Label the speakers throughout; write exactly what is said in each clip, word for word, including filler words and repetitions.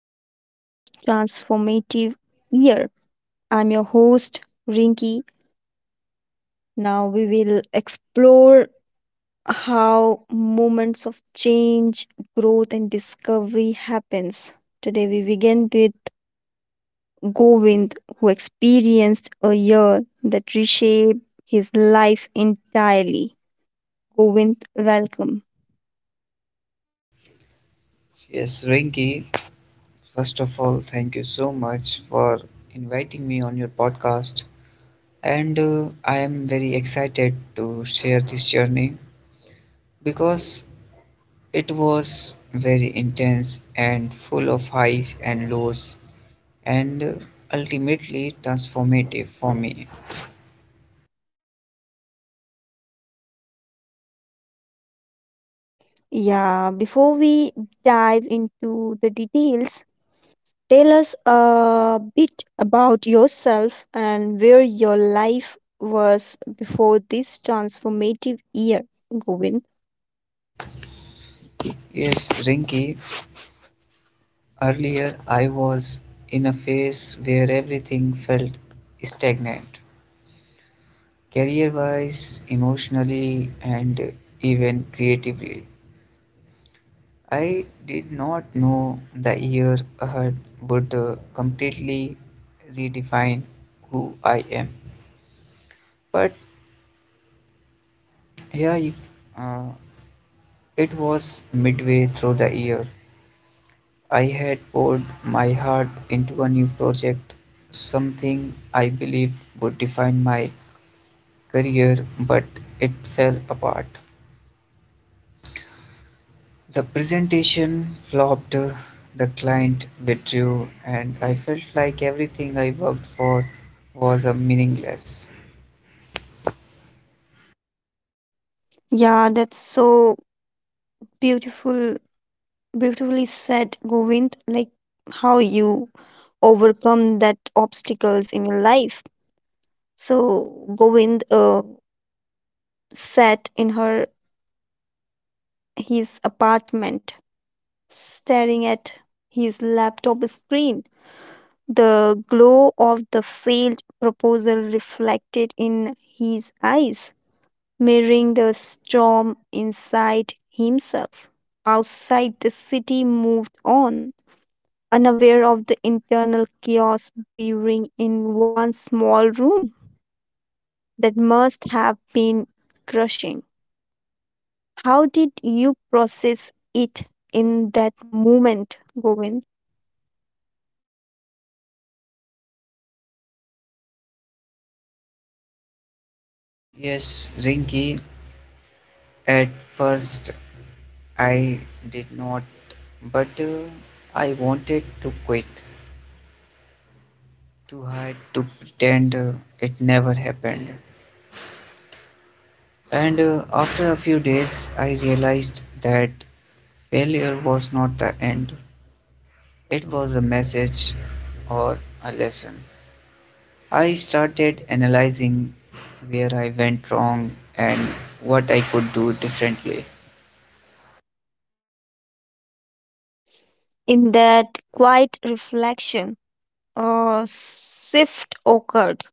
Speaker 1: your most transformative year. I'm your host, Rinky. Now we will explore how moments of change, growth, and discovery happens. Today we begin with Govind, who experienced a year that reshaped his life entirely. Govind, welcome.
Speaker 2: Yes, Rinky, first of all, thank you so much for inviting me on your podcast. And uh, I am very excited to share this journey because it was very intense and full of highs and lows and uh, ultimately transformative for me.
Speaker 1: Yeah, before we dive into the details, tell us a bit about yourself and where your life was before this transformative year, Govind.
Speaker 2: Yes, Rinky, earlier I was in a phase where everything felt stagnant. Career wise, emotionally, and even creatively. I did not know the year ahead would uh, completely redefine who I am. But yeah, you, uh, it was midway through the year. I had poured my heart into a new project, something I believed would define my career, but it fell apart. The presentation flopped, the client withdrew, and I felt like everything I worked for was a meaningless.
Speaker 1: Yeah, that's so beautiful, beautifully said, Govind. Like how you overcome that obstacles in your life. So Govind uh, sat in her his apartment, staring at his laptop screen, the glow of the failed proposal reflected in his eyes, mirroring the storm inside himself. Outside, the city moved on, unaware of the internal chaos brewing in one small room. That must have been crushing. How did you process it in that moment, Govind?
Speaker 2: Yes, Rinky, at first I did not, but uh, I wanted to quit, to hide, to pretend uh, it never happened. And uh, After a few days, I realized that failure was not the end, it was a message or a lesson. I started analyzing where I went wrong and what I could do differently.
Speaker 1: In that quiet reflection, a shift occurred.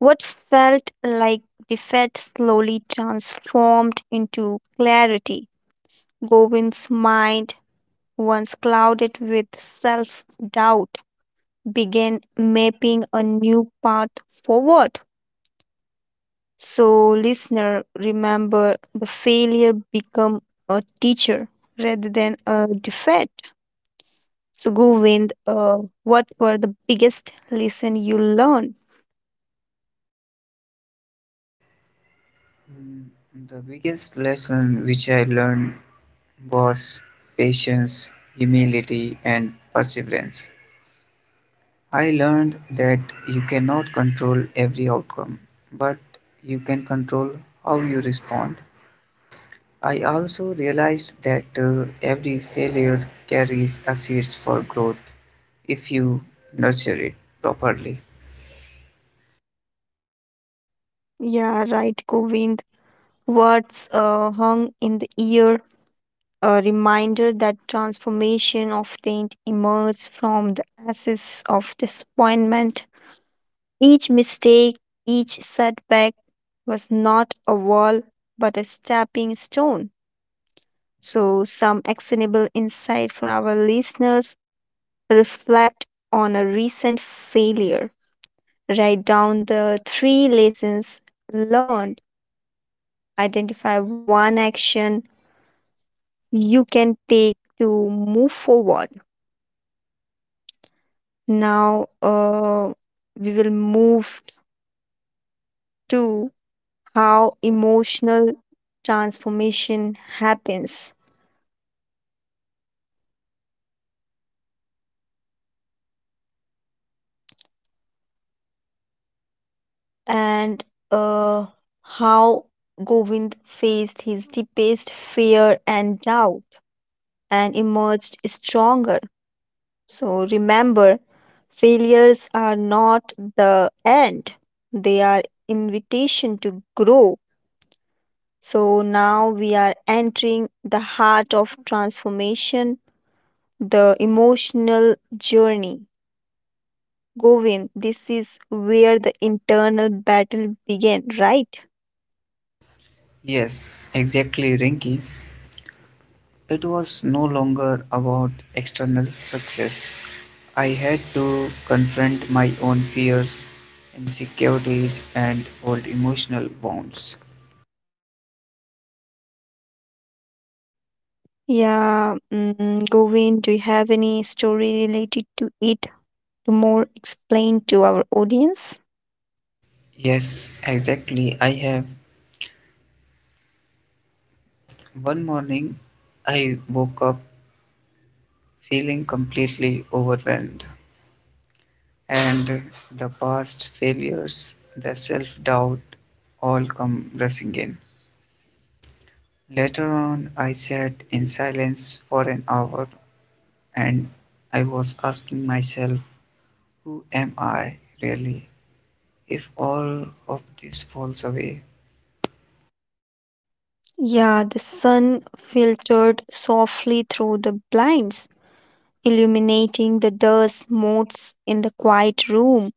Speaker 1: What felt like defeat slowly transformed into clarity. Govind's mind, once clouded with self doubt, began mapping a new path forward. So, listener, remember the failure become a teacher rather than a defeat. So, Govind, uh, what were the biggest lesson you learned?
Speaker 2: Mm, The biggest lesson which I learned was patience, humility, and perseverance. I learned that you cannot control every outcome, but you can control how you respond. I also realized that uh, every failure carries a seeds for growth if you nurture it properly.
Speaker 1: Yeah, right, Govind. Words uh, hung in the ear, a reminder that transformation often emerges from the ashes of disappointment. Each mistake, each setback was not a wall but a stepping stone. So, some actionable insight for our listeners: reflect on a recent failure. Write down the three lessons learned. Identify one action you can take to move forward. Now uh, We will move to how emotional transformation happens, and uh, how Govind faced his deepest fear and doubt and emerged stronger. So remember, failures are not the end, they are invitation to grow. So now we are entering the heart of transformation, the emotional journey. Govind, this is where the internal battle began, right?
Speaker 2: Yes, exactly, Rinky. It was no longer about external success. I had to confront my own fears, insecurities, and old emotional wounds.
Speaker 1: Yeah, mm, Govind, do you have any story related to it to more explain to our audience?
Speaker 2: Yes, exactly. I have. One morning, I woke up feeling completely overwhelmed, and the past failures, the self doubt, all come rushing in. Later on I sat in silence for an hour, and I was asking myself, who am I really, if all of this falls away?
Speaker 1: Yeah, the sun filtered softly through the blinds, illuminating the dust motes in the quiet room.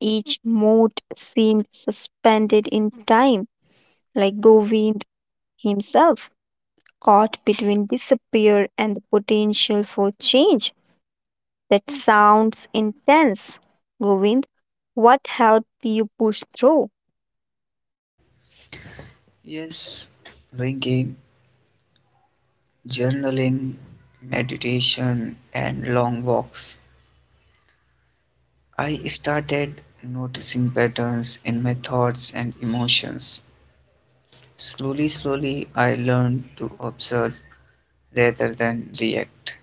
Speaker 1: Each mote seemed suspended in time, like Govind himself, caught between despair and the potential for change. That sounds intense, Govind. What helped you push through?
Speaker 2: Yes, ringing, journaling, meditation, and long walks. I started noticing patterns in my thoughts and emotions. Slowly, slowly, I learned to observe rather than react.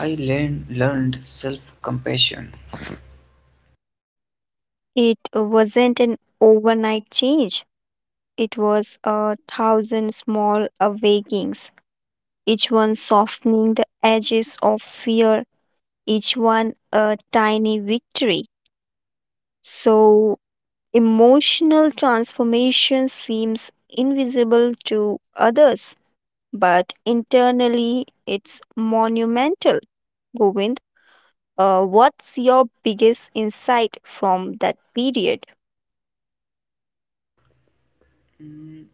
Speaker 2: I learned, learned self compassion.
Speaker 1: It wasn't an overnight change, it was a thousand small awakenings, each one softening the edges of fear, each one a tiny victory. So, emotional transformation seems invisible to others, but internally it's monumental. Govind, uh, what's your biggest insight from that period?
Speaker 2: Mm,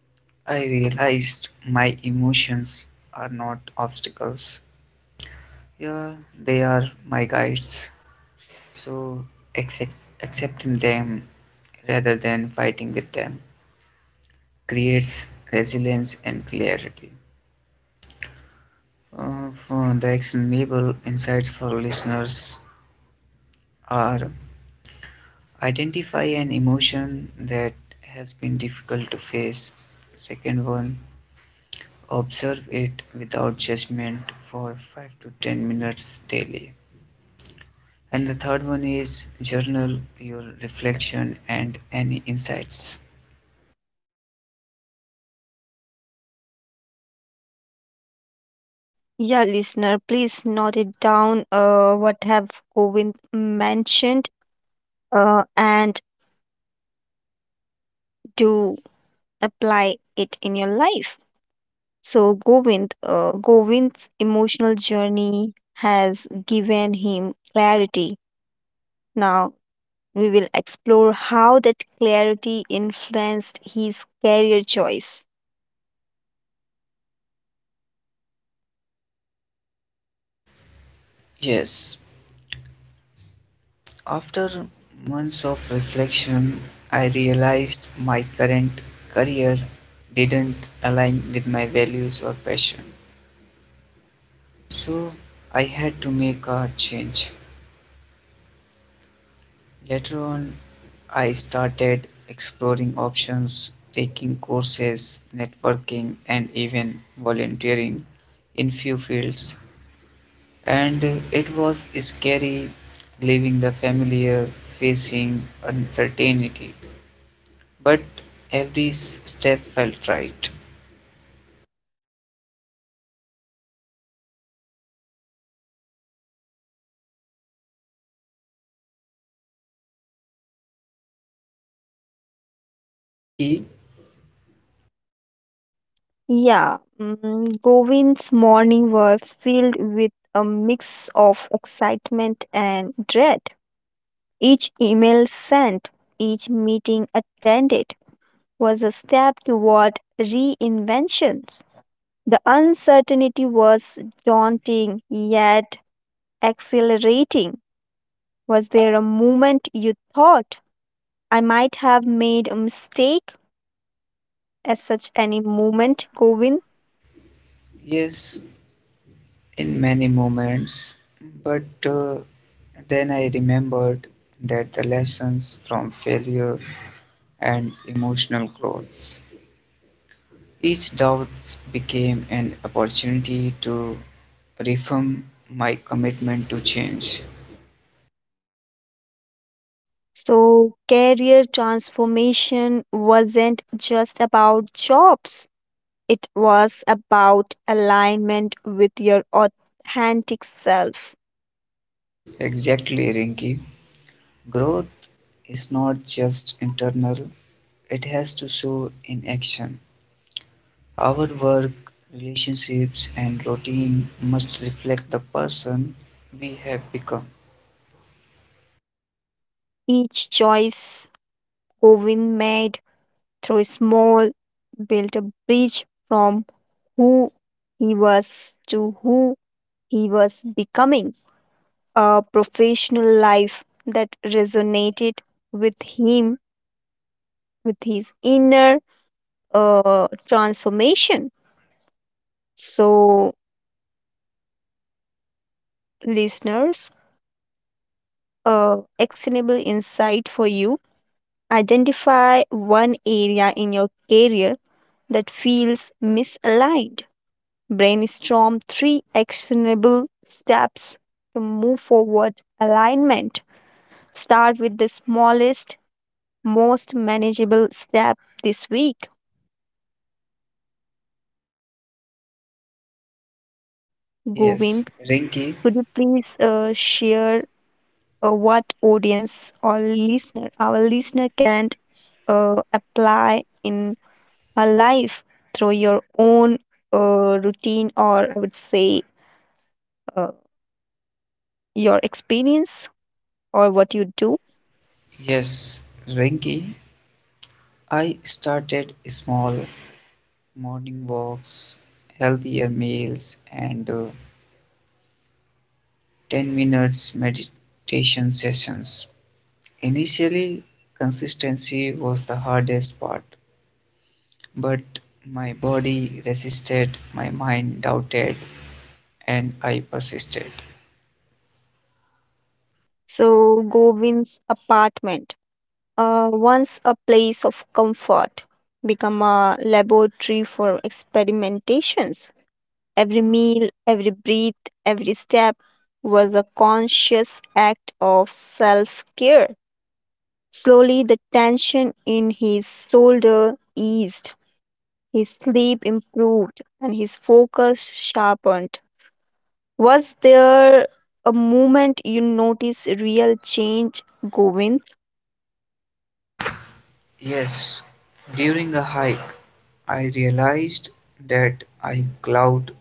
Speaker 2: I realized my emotions are not obstacles. Yeah, they are my guides. So accept, accepting them rather than fighting with them creates resilience and clarity. Uh, for the actionable insights for listeners are identify an emotion that has been difficult to face. Second one, observe it without judgment for five to ten minutes daily. And the third one is journal your reflection and any insights.
Speaker 1: Yeah, listener, please note it down. Uh, what have Govind mentioned? Uh, and do apply it in your life. So Govind, uh, Govind's emotional journey has given him clarity. Now we will explore how that clarity influenced his career choice.
Speaker 2: Yes, after months of reflection, I realized my current career didn't align with my values or passion. So I had to make a change. Later on, I started exploring options, taking courses, networking, and even volunteering in few fields. And it was scary leaving the familiar, facing uncertainty. But every s- step felt right. Rinky,
Speaker 1: Yeah, mm, Govind's morning were filled with a mix of excitement and dread. Each email sent, each meeting attended was a step toward reinventions. The uncertainty was daunting yet exhilarating. Was there a moment you thought I might have made a mistake? As such any moment, Govind?
Speaker 2: yes, in many moments, but uh, then I remembered that the lessons from failure and emotional growth. Each doubt became an opportunity to reaffirm my commitment to change.
Speaker 1: So, career transformation wasn't just about jobs, it was about alignment with your authentic self.
Speaker 2: Exactly, Rinky. Growth is not just internal, it has to show in action. Our work, relationships, and routine must reflect the person we have become.
Speaker 1: Each choice Owen made through small built a bridge from who he was to who he was becoming. A professional life that resonated with him, with his inner uh, transformation. So, listeners, a actionable insight for you. Identify one area in your career that feels misaligned. Brainstorm three actionable steps to move forward alignment. Start with the smallest, most manageable step this week.
Speaker 2: Yes,
Speaker 1: Govind,
Speaker 2: Renki.
Speaker 1: could you please uh, share uh, what audience or listener, our listener, can uh, apply in a life through your own uh, routine, or I would say uh, your experience or what you do.
Speaker 2: Yes, Renki. I started small morning walks, healthier meals, and uh, ten minutes meditation sessions. Initially, consistency was the hardest part. But my body resisted, my mind doubted, and I persisted.
Speaker 1: So Govind's apartment, uh, once a place of comfort, become a laboratory for experimentations. Every meal, every breath, every step was a conscious act of self care. Slowly, the tension in his shoulder eased. His sleep improved and his focus sharpened. Was there a moment you noticed real change, Govind?
Speaker 2: Yes, during the hike, I realized that I cloud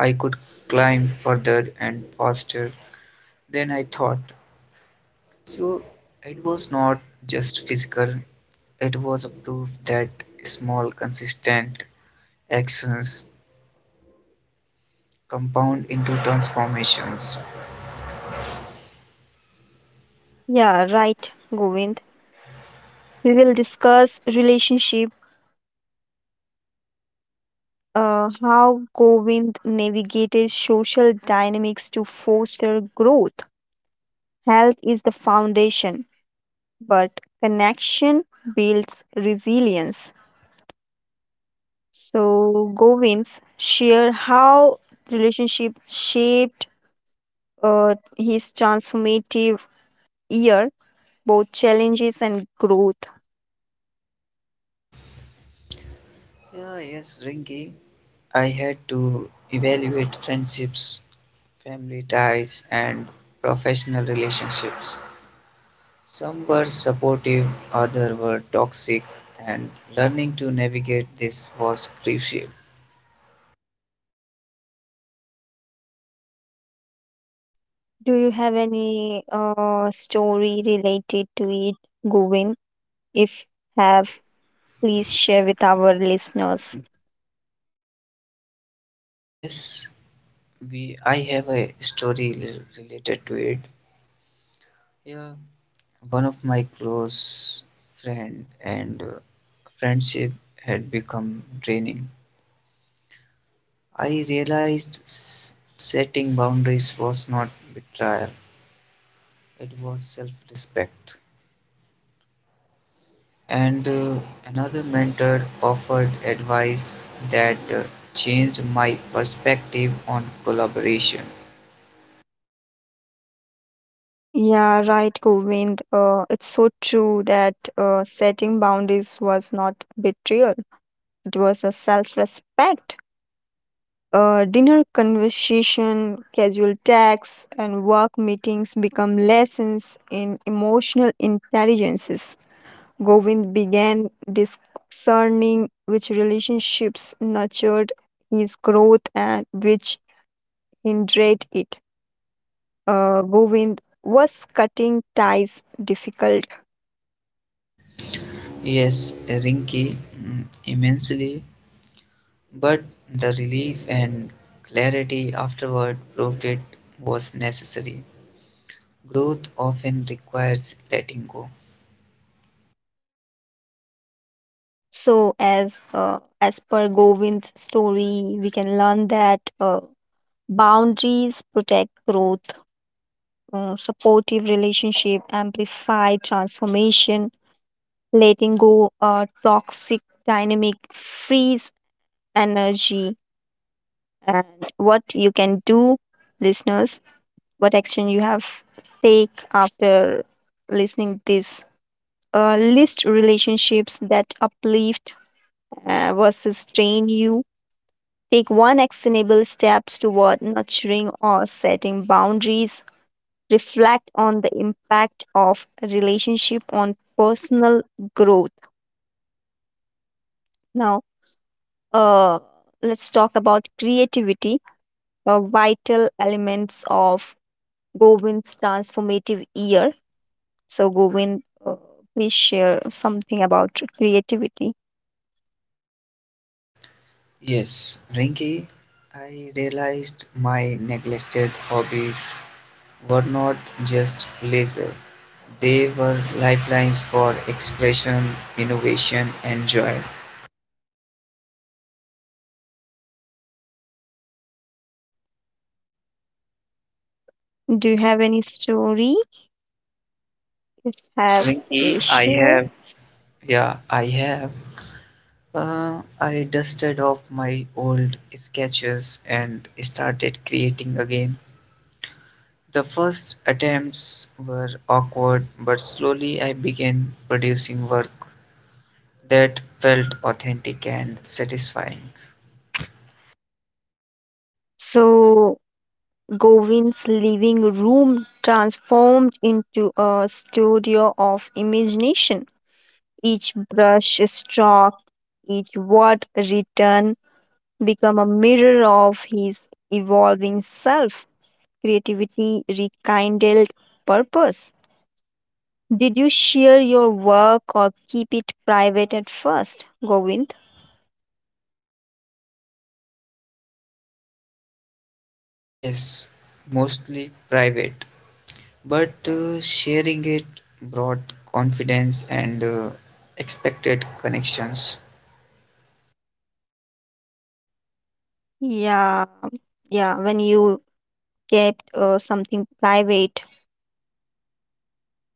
Speaker 2: I could climb further and faster than I thought. So it was not just physical, it was a proof that small consistent actions compound into transformations.
Speaker 1: Yeah, right, Govind. We will discuss relationship, uh, how Govind navigated social dynamics to foster growth. Health is the foundation, but connection builds resilience. So, Govind's share how relationship shaped uh, his transformative year, both challenges and growth.
Speaker 2: Yeah, yes, Ringy. I had to evaluate friendships, family ties, and professional relationships. Some were supportive, others were toxic, and learning to navigate this was crucial.
Speaker 1: Do you have any uh, story related to it, Govind? If have, please share with our listeners.
Speaker 2: Yes, we I have a story rel- related to it. Yeah, one of my close friend and uh, friendship had become draining. I realized s- setting boundaries was not betrayal. It was self respect. And uh, Another mentor offered advice that uh, changed my perspective on collaboration.
Speaker 1: Yeah, right, Govind. Uh, it's so true that uh, setting boundaries was not betrayal, it was a self respect. uh, dinner conversation, casual texts, and work meetings become lessons in emotional intelligences. Govind began discerning which relationships nurtured his growth and which hindered it. Uh, Govind, was cutting ties difficult?
Speaker 2: Yes, Rinky, mm, immensely, but the relief and clarity afterward proved it was necessary. Growth often requires letting go.
Speaker 1: So, as uh, as per Govind's story, we can learn that uh, boundaries protect growth, uh, supportive relationship, amplified transformation, letting go a toxic dynamic, frees energy, and what you can do, listeners, what action you have take after listening this. Uh, list relationships that uplift uh, versus strain you. Take one actionable steps toward nurturing or setting boundaries. Reflect on the impact of relationship on personal growth. Now uh, let's talk about creativity, uh, vital elements of Govind's transformative year. So Govind, uh, please share something about creativity.
Speaker 2: Yes, Rinky, I realized my neglected hobbies were not just leisure, they were lifelines for expression, innovation, and joy.
Speaker 1: Do you have any story? If
Speaker 2: Yes,
Speaker 1: have,
Speaker 2: Rinky,
Speaker 1: please
Speaker 2: I
Speaker 1: share.
Speaker 2: have. Yeah, I have. Uh, I dusted off my old sketches and started creating again. The first attempts were awkward, but slowly I began producing work that felt authentic and satisfying.
Speaker 1: So Govind's living room transformed into a studio of imagination. Each brush stroke, each word written become a mirror of his evolving self, creativity rekindled purpose. Did you share your work or keep it private at first, Govind?
Speaker 2: Yes, mostly private, but uh, sharing it brought confidence and uh, expected connections.
Speaker 1: Yeah, yeah, when you kept uh, something private,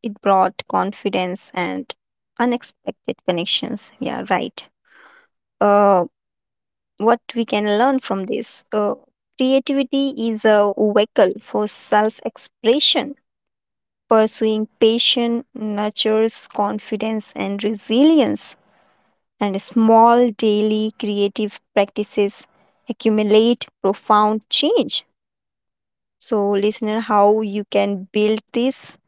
Speaker 1: it brought confidence and unexpected connections. Yeah, right. Uh, what we can learn from this. Uh, creativity is a vehicle for self expression. Pursuing passion nurtures confidence and resilience, and small daily creative practices accumulate profound change. So, listener, how you can build this?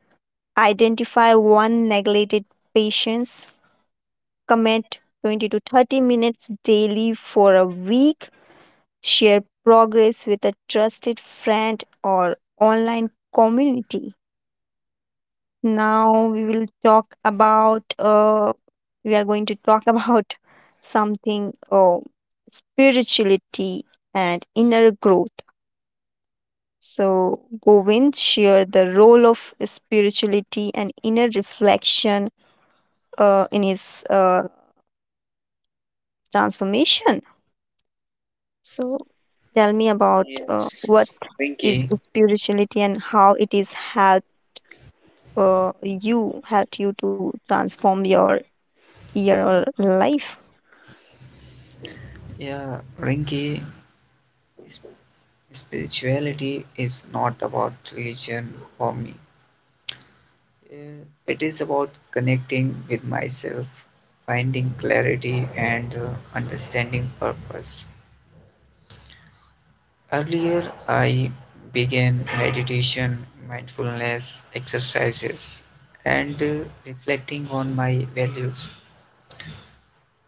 Speaker 1: Identify one neglected patience, commit twenty to thirty minutes daily for a week, share progress with a trusted friend or online community. Now we will talk about uh, we are going to talk about something, uh, spirituality and inner growth. So Govind share the role of spirituality and inner reflection uh, in his uh, transformation. So tell me about uh, what
Speaker 2: Yes, Rinky.
Speaker 1: is spirituality and how it is help. uh, you helped you to transform your your life.
Speaker 2: Yeah, Rinki, sp- spirituality is not about religion for me. Uh, It is about connecting with myself, finding clarity, and uh, understanding purpose. Earlier, I began meditation, mindfulness exercises, and uh, reflecting on my values.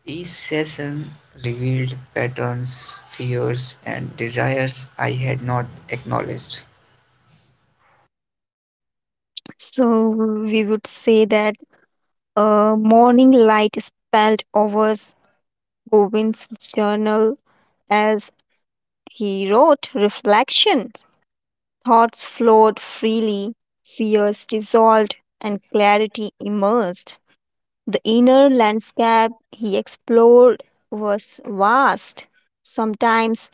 Speaker 2: Each session revealed patterns, fears, and desires I had not acknowledged.
Speaker 1: So we would say that uh, morning light spelled over Govind's journal as he wrote reflection. Thoughts flowed freely, fears dissolved, and clarity emerged. The inner landscape he explored was vast, sometimes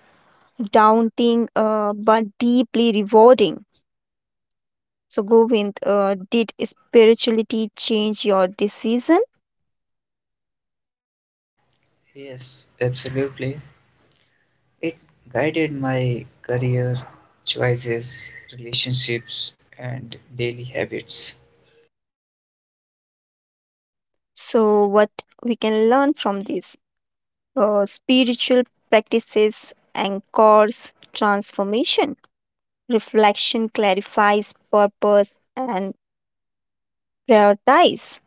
Speaker 1: daunting, uh, but deeply rewarding. So, Govind, uh, did spirituality change your decision?
Speaker 2: Yes, absolutely. It guided my career choices, relationships, and daily habits.
Speaker 1: So, what we can learn from this: uh, spiritual practices anchors transformation, reflection clarifies purpose and prioritize,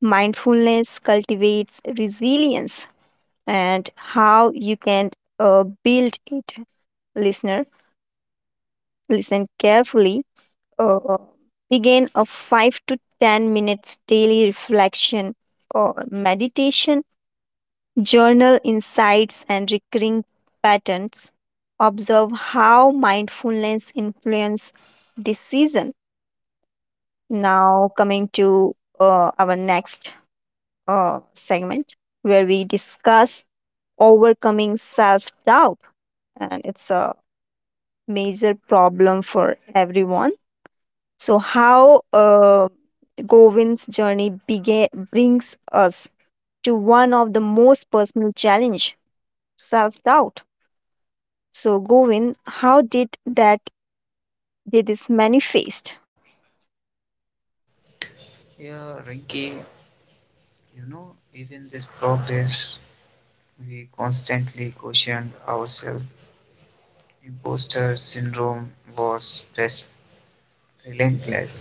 Speaker 1: mindfulness cultivates resilience. And how you can uh, build it. Listener, listen carefully, uh, begin a five to ten minutes daily reflection or meditation, journal insights and recurring patterns. Observe how mindfulness influence decision. Now coming to uh, our next uh, segment where we discuss overcoming self-doubt, and it's a major problem for everyone. So how uh, Govind's journey bega- brings us to one of the most personal challenge, self-doubt. So Govind, how did that did this manifest?
Speaker 2: Yeah, Rinky, you know, even this progress we constantly questioned ourselves. Imposter syndrome was res- relentless,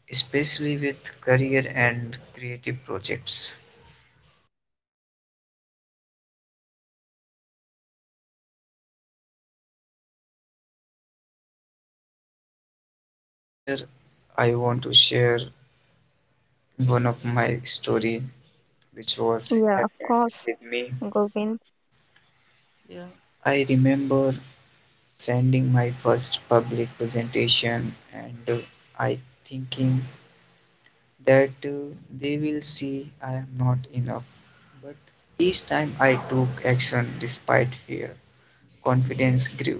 Speaker 2: especially with career and creative projects. Yeah, here I want to share one of my story which was
Speaker 1: Yeah, of
Speaker 2: happened
Speaker 1: course,
Speaker 2: with me.
Speaker 1: Govind.
Speaker 2: Yeah, I remember sending my first public presentation and uh, I thinking that uh, they will see I am not enough. But each time I took action despite fear, confidence grew.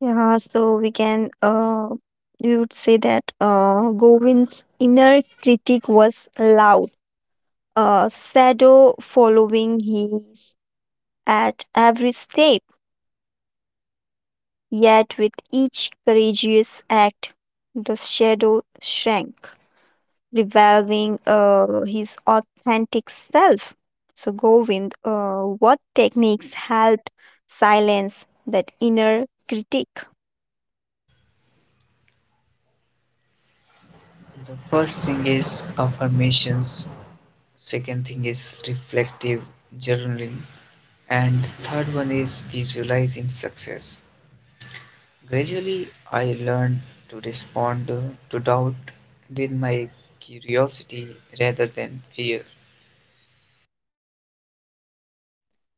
Speaker 1: Yeah, so we can uh we would say that uh Govind's inner critic was loud. A shadow following his at every step, yet with each courageous act the shadow shrank, revolving uh, his authentic self. So, Govind, uh, what techniques helped silence that inner critic?
Speaker 2: The first thing is affirmations, second thing is reflective journaling, and third one is visualizing success. Gradually, I learned to respond uh, to doubt with my curiosity rather than fear.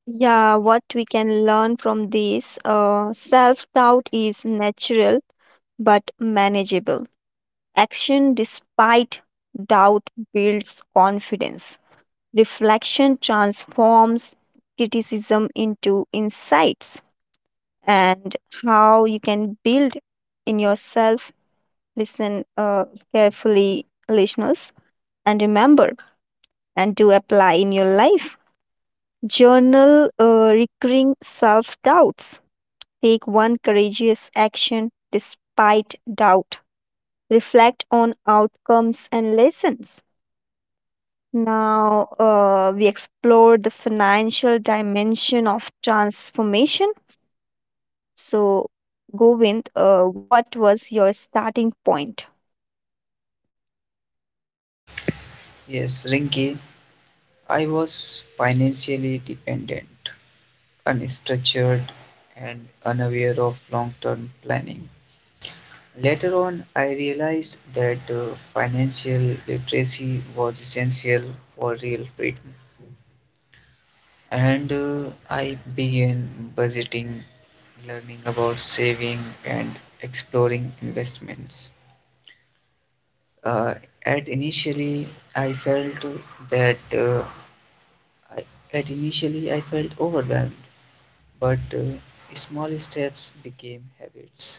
Speaker 1: Yeah, what we can learn from this: uh, self doubt is natural but manageable. Action despite doubt builds confidence. Reflection transforms criticism into insights. And how you can build in yourself, listen uh, carefully, listeners, and remember and do apply in your life. Journal uh, recurring self doubts. Take one courageous action despite doubt. Reflect on outcomes and lessons. Now, uh, we explore the financial dimension of transformation. So, Govind, uh, what was your starting point?
Speaker 2: Yes, Rinki, I was financially dependent. Unstructured and unaware of long-term planning. Later on, I realized that uh, financial literacy was essential for real freedom, and uh, I began budgeting, learning about saving, and exploring investments. Uh, at initially, I felt that uh, I, at initially I felt overwhelmed, but uh, small steps became habits.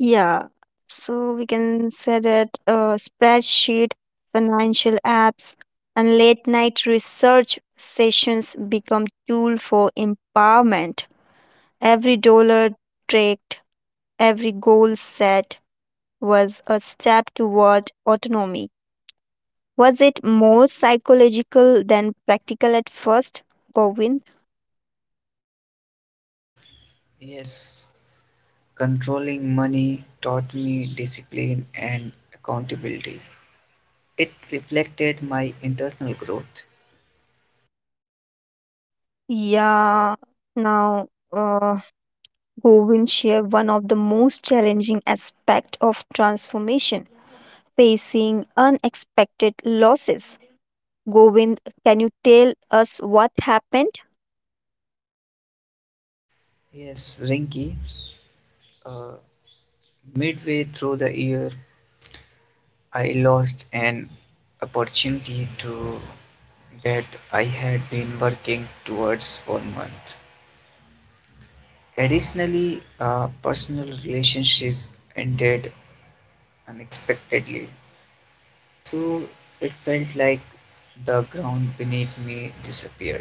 Speaker 1: Yeah, so we can say that uh, spreadsheet, financial apps, and late night research sessions become tool for empowerment. Every dollar tracked, every goal set was a step toward autonomy. Was it more psychological than practical at first, Govind?
Speaker 2: Yes, controlling money taught me discipline and accountability. It reflected my internal growth.
Speaker 1: Yeah, now uh, Govind shared one of the most challenging aspects of transformation, facing unexpected losses. Govind, can you tell us what happened?
Speaker 2: Yes, Rinki, uh, midway through the year, I lost an opportunity to that I had been working towards for month. Additionally, a personal relationship ended unexpectedly. So it felt like the ground beneath me disappeared.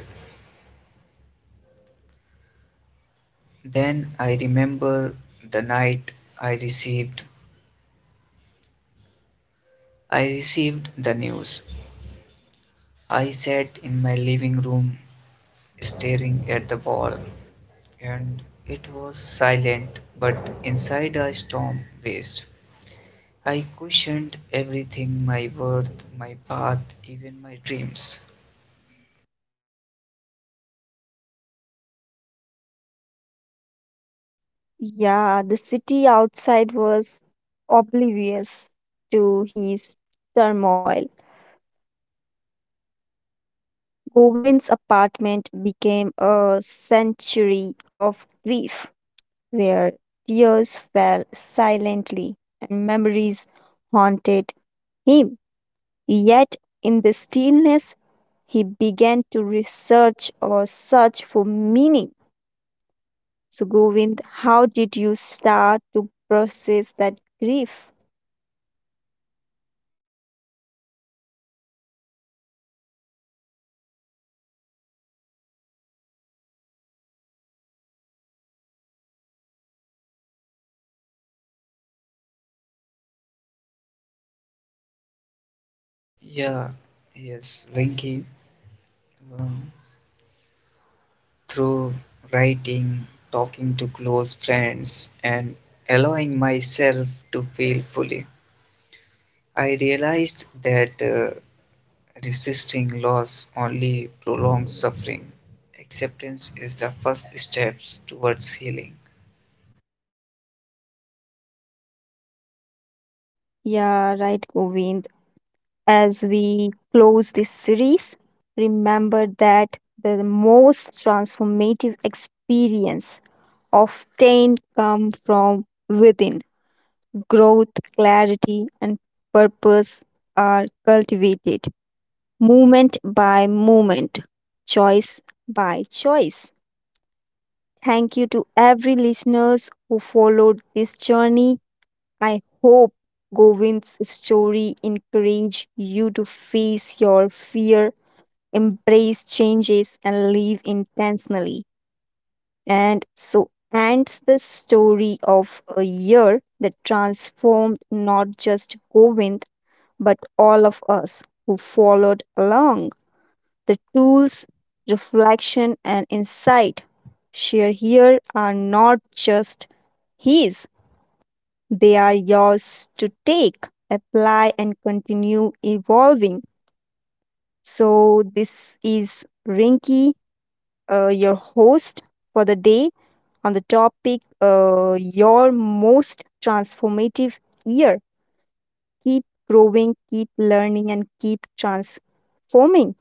Speaker 2: Then I remember the night I received I received the news. I sat in my living room staring at the wall and it was silent but inside a storm raged. I questioned everything my worth, my path, even my dreams.
Speaker 1: Yeah, the city outside was oblivious to his turmoil. Govind's apartment became a sanctuary of grief where tears fell silently and memories haunted him. Yet, in the stillness, he began to research or search for meaning. So, Govind, how did you start to process that grief?
Speaker 2: Yeah, yes, Rinky. Um, Through writing, talking to close friends, and allowing myself to feel fully, I realized that uh, resisting loss only prolongs suffering. Acceptance is the first step towards healing.
Speaker 1: Yeah, right, Govind, as we close this series, remember that the most transformative experience often come from within. Growth, clarity, and purpose are cultivated moment by moment, choice by choice. Thank you to every listeners who followed this journey. I hope Govind's story encourage you to face your fear, embrace changes and live intentionally. And so ends the story of a year that transformed not just Govind but all of us who followed along. The tools, reflection, and insight shared here are not just his, they are yours to take, apply, and continue evolving. So, this is Rinky, uh, your host for the day on the topic, uh, your most transformative year. Keep growing, keep learning, and keep transforming.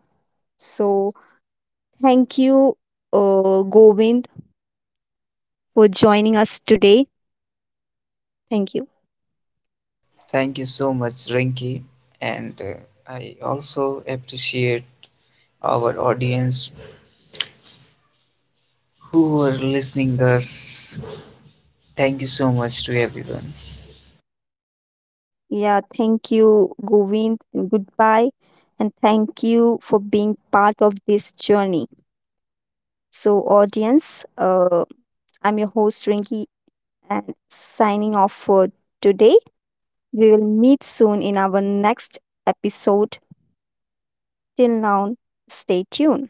Speaker 1: So, thank you, uh, Govind, for joining us today. Thank you.
Speaker 2: Thank you so much, Rinki, and uh, I also appreciate our audience who are listening us. Thank you so much to everyone.
Speaker 1: Yeah, thank you, Govind, and goodbye. And thank you for being part of this journey. So, audience, uh, I'm your host, Rinki, and signing off for today. We will meet soon in our next episode. Till now, stay tuned.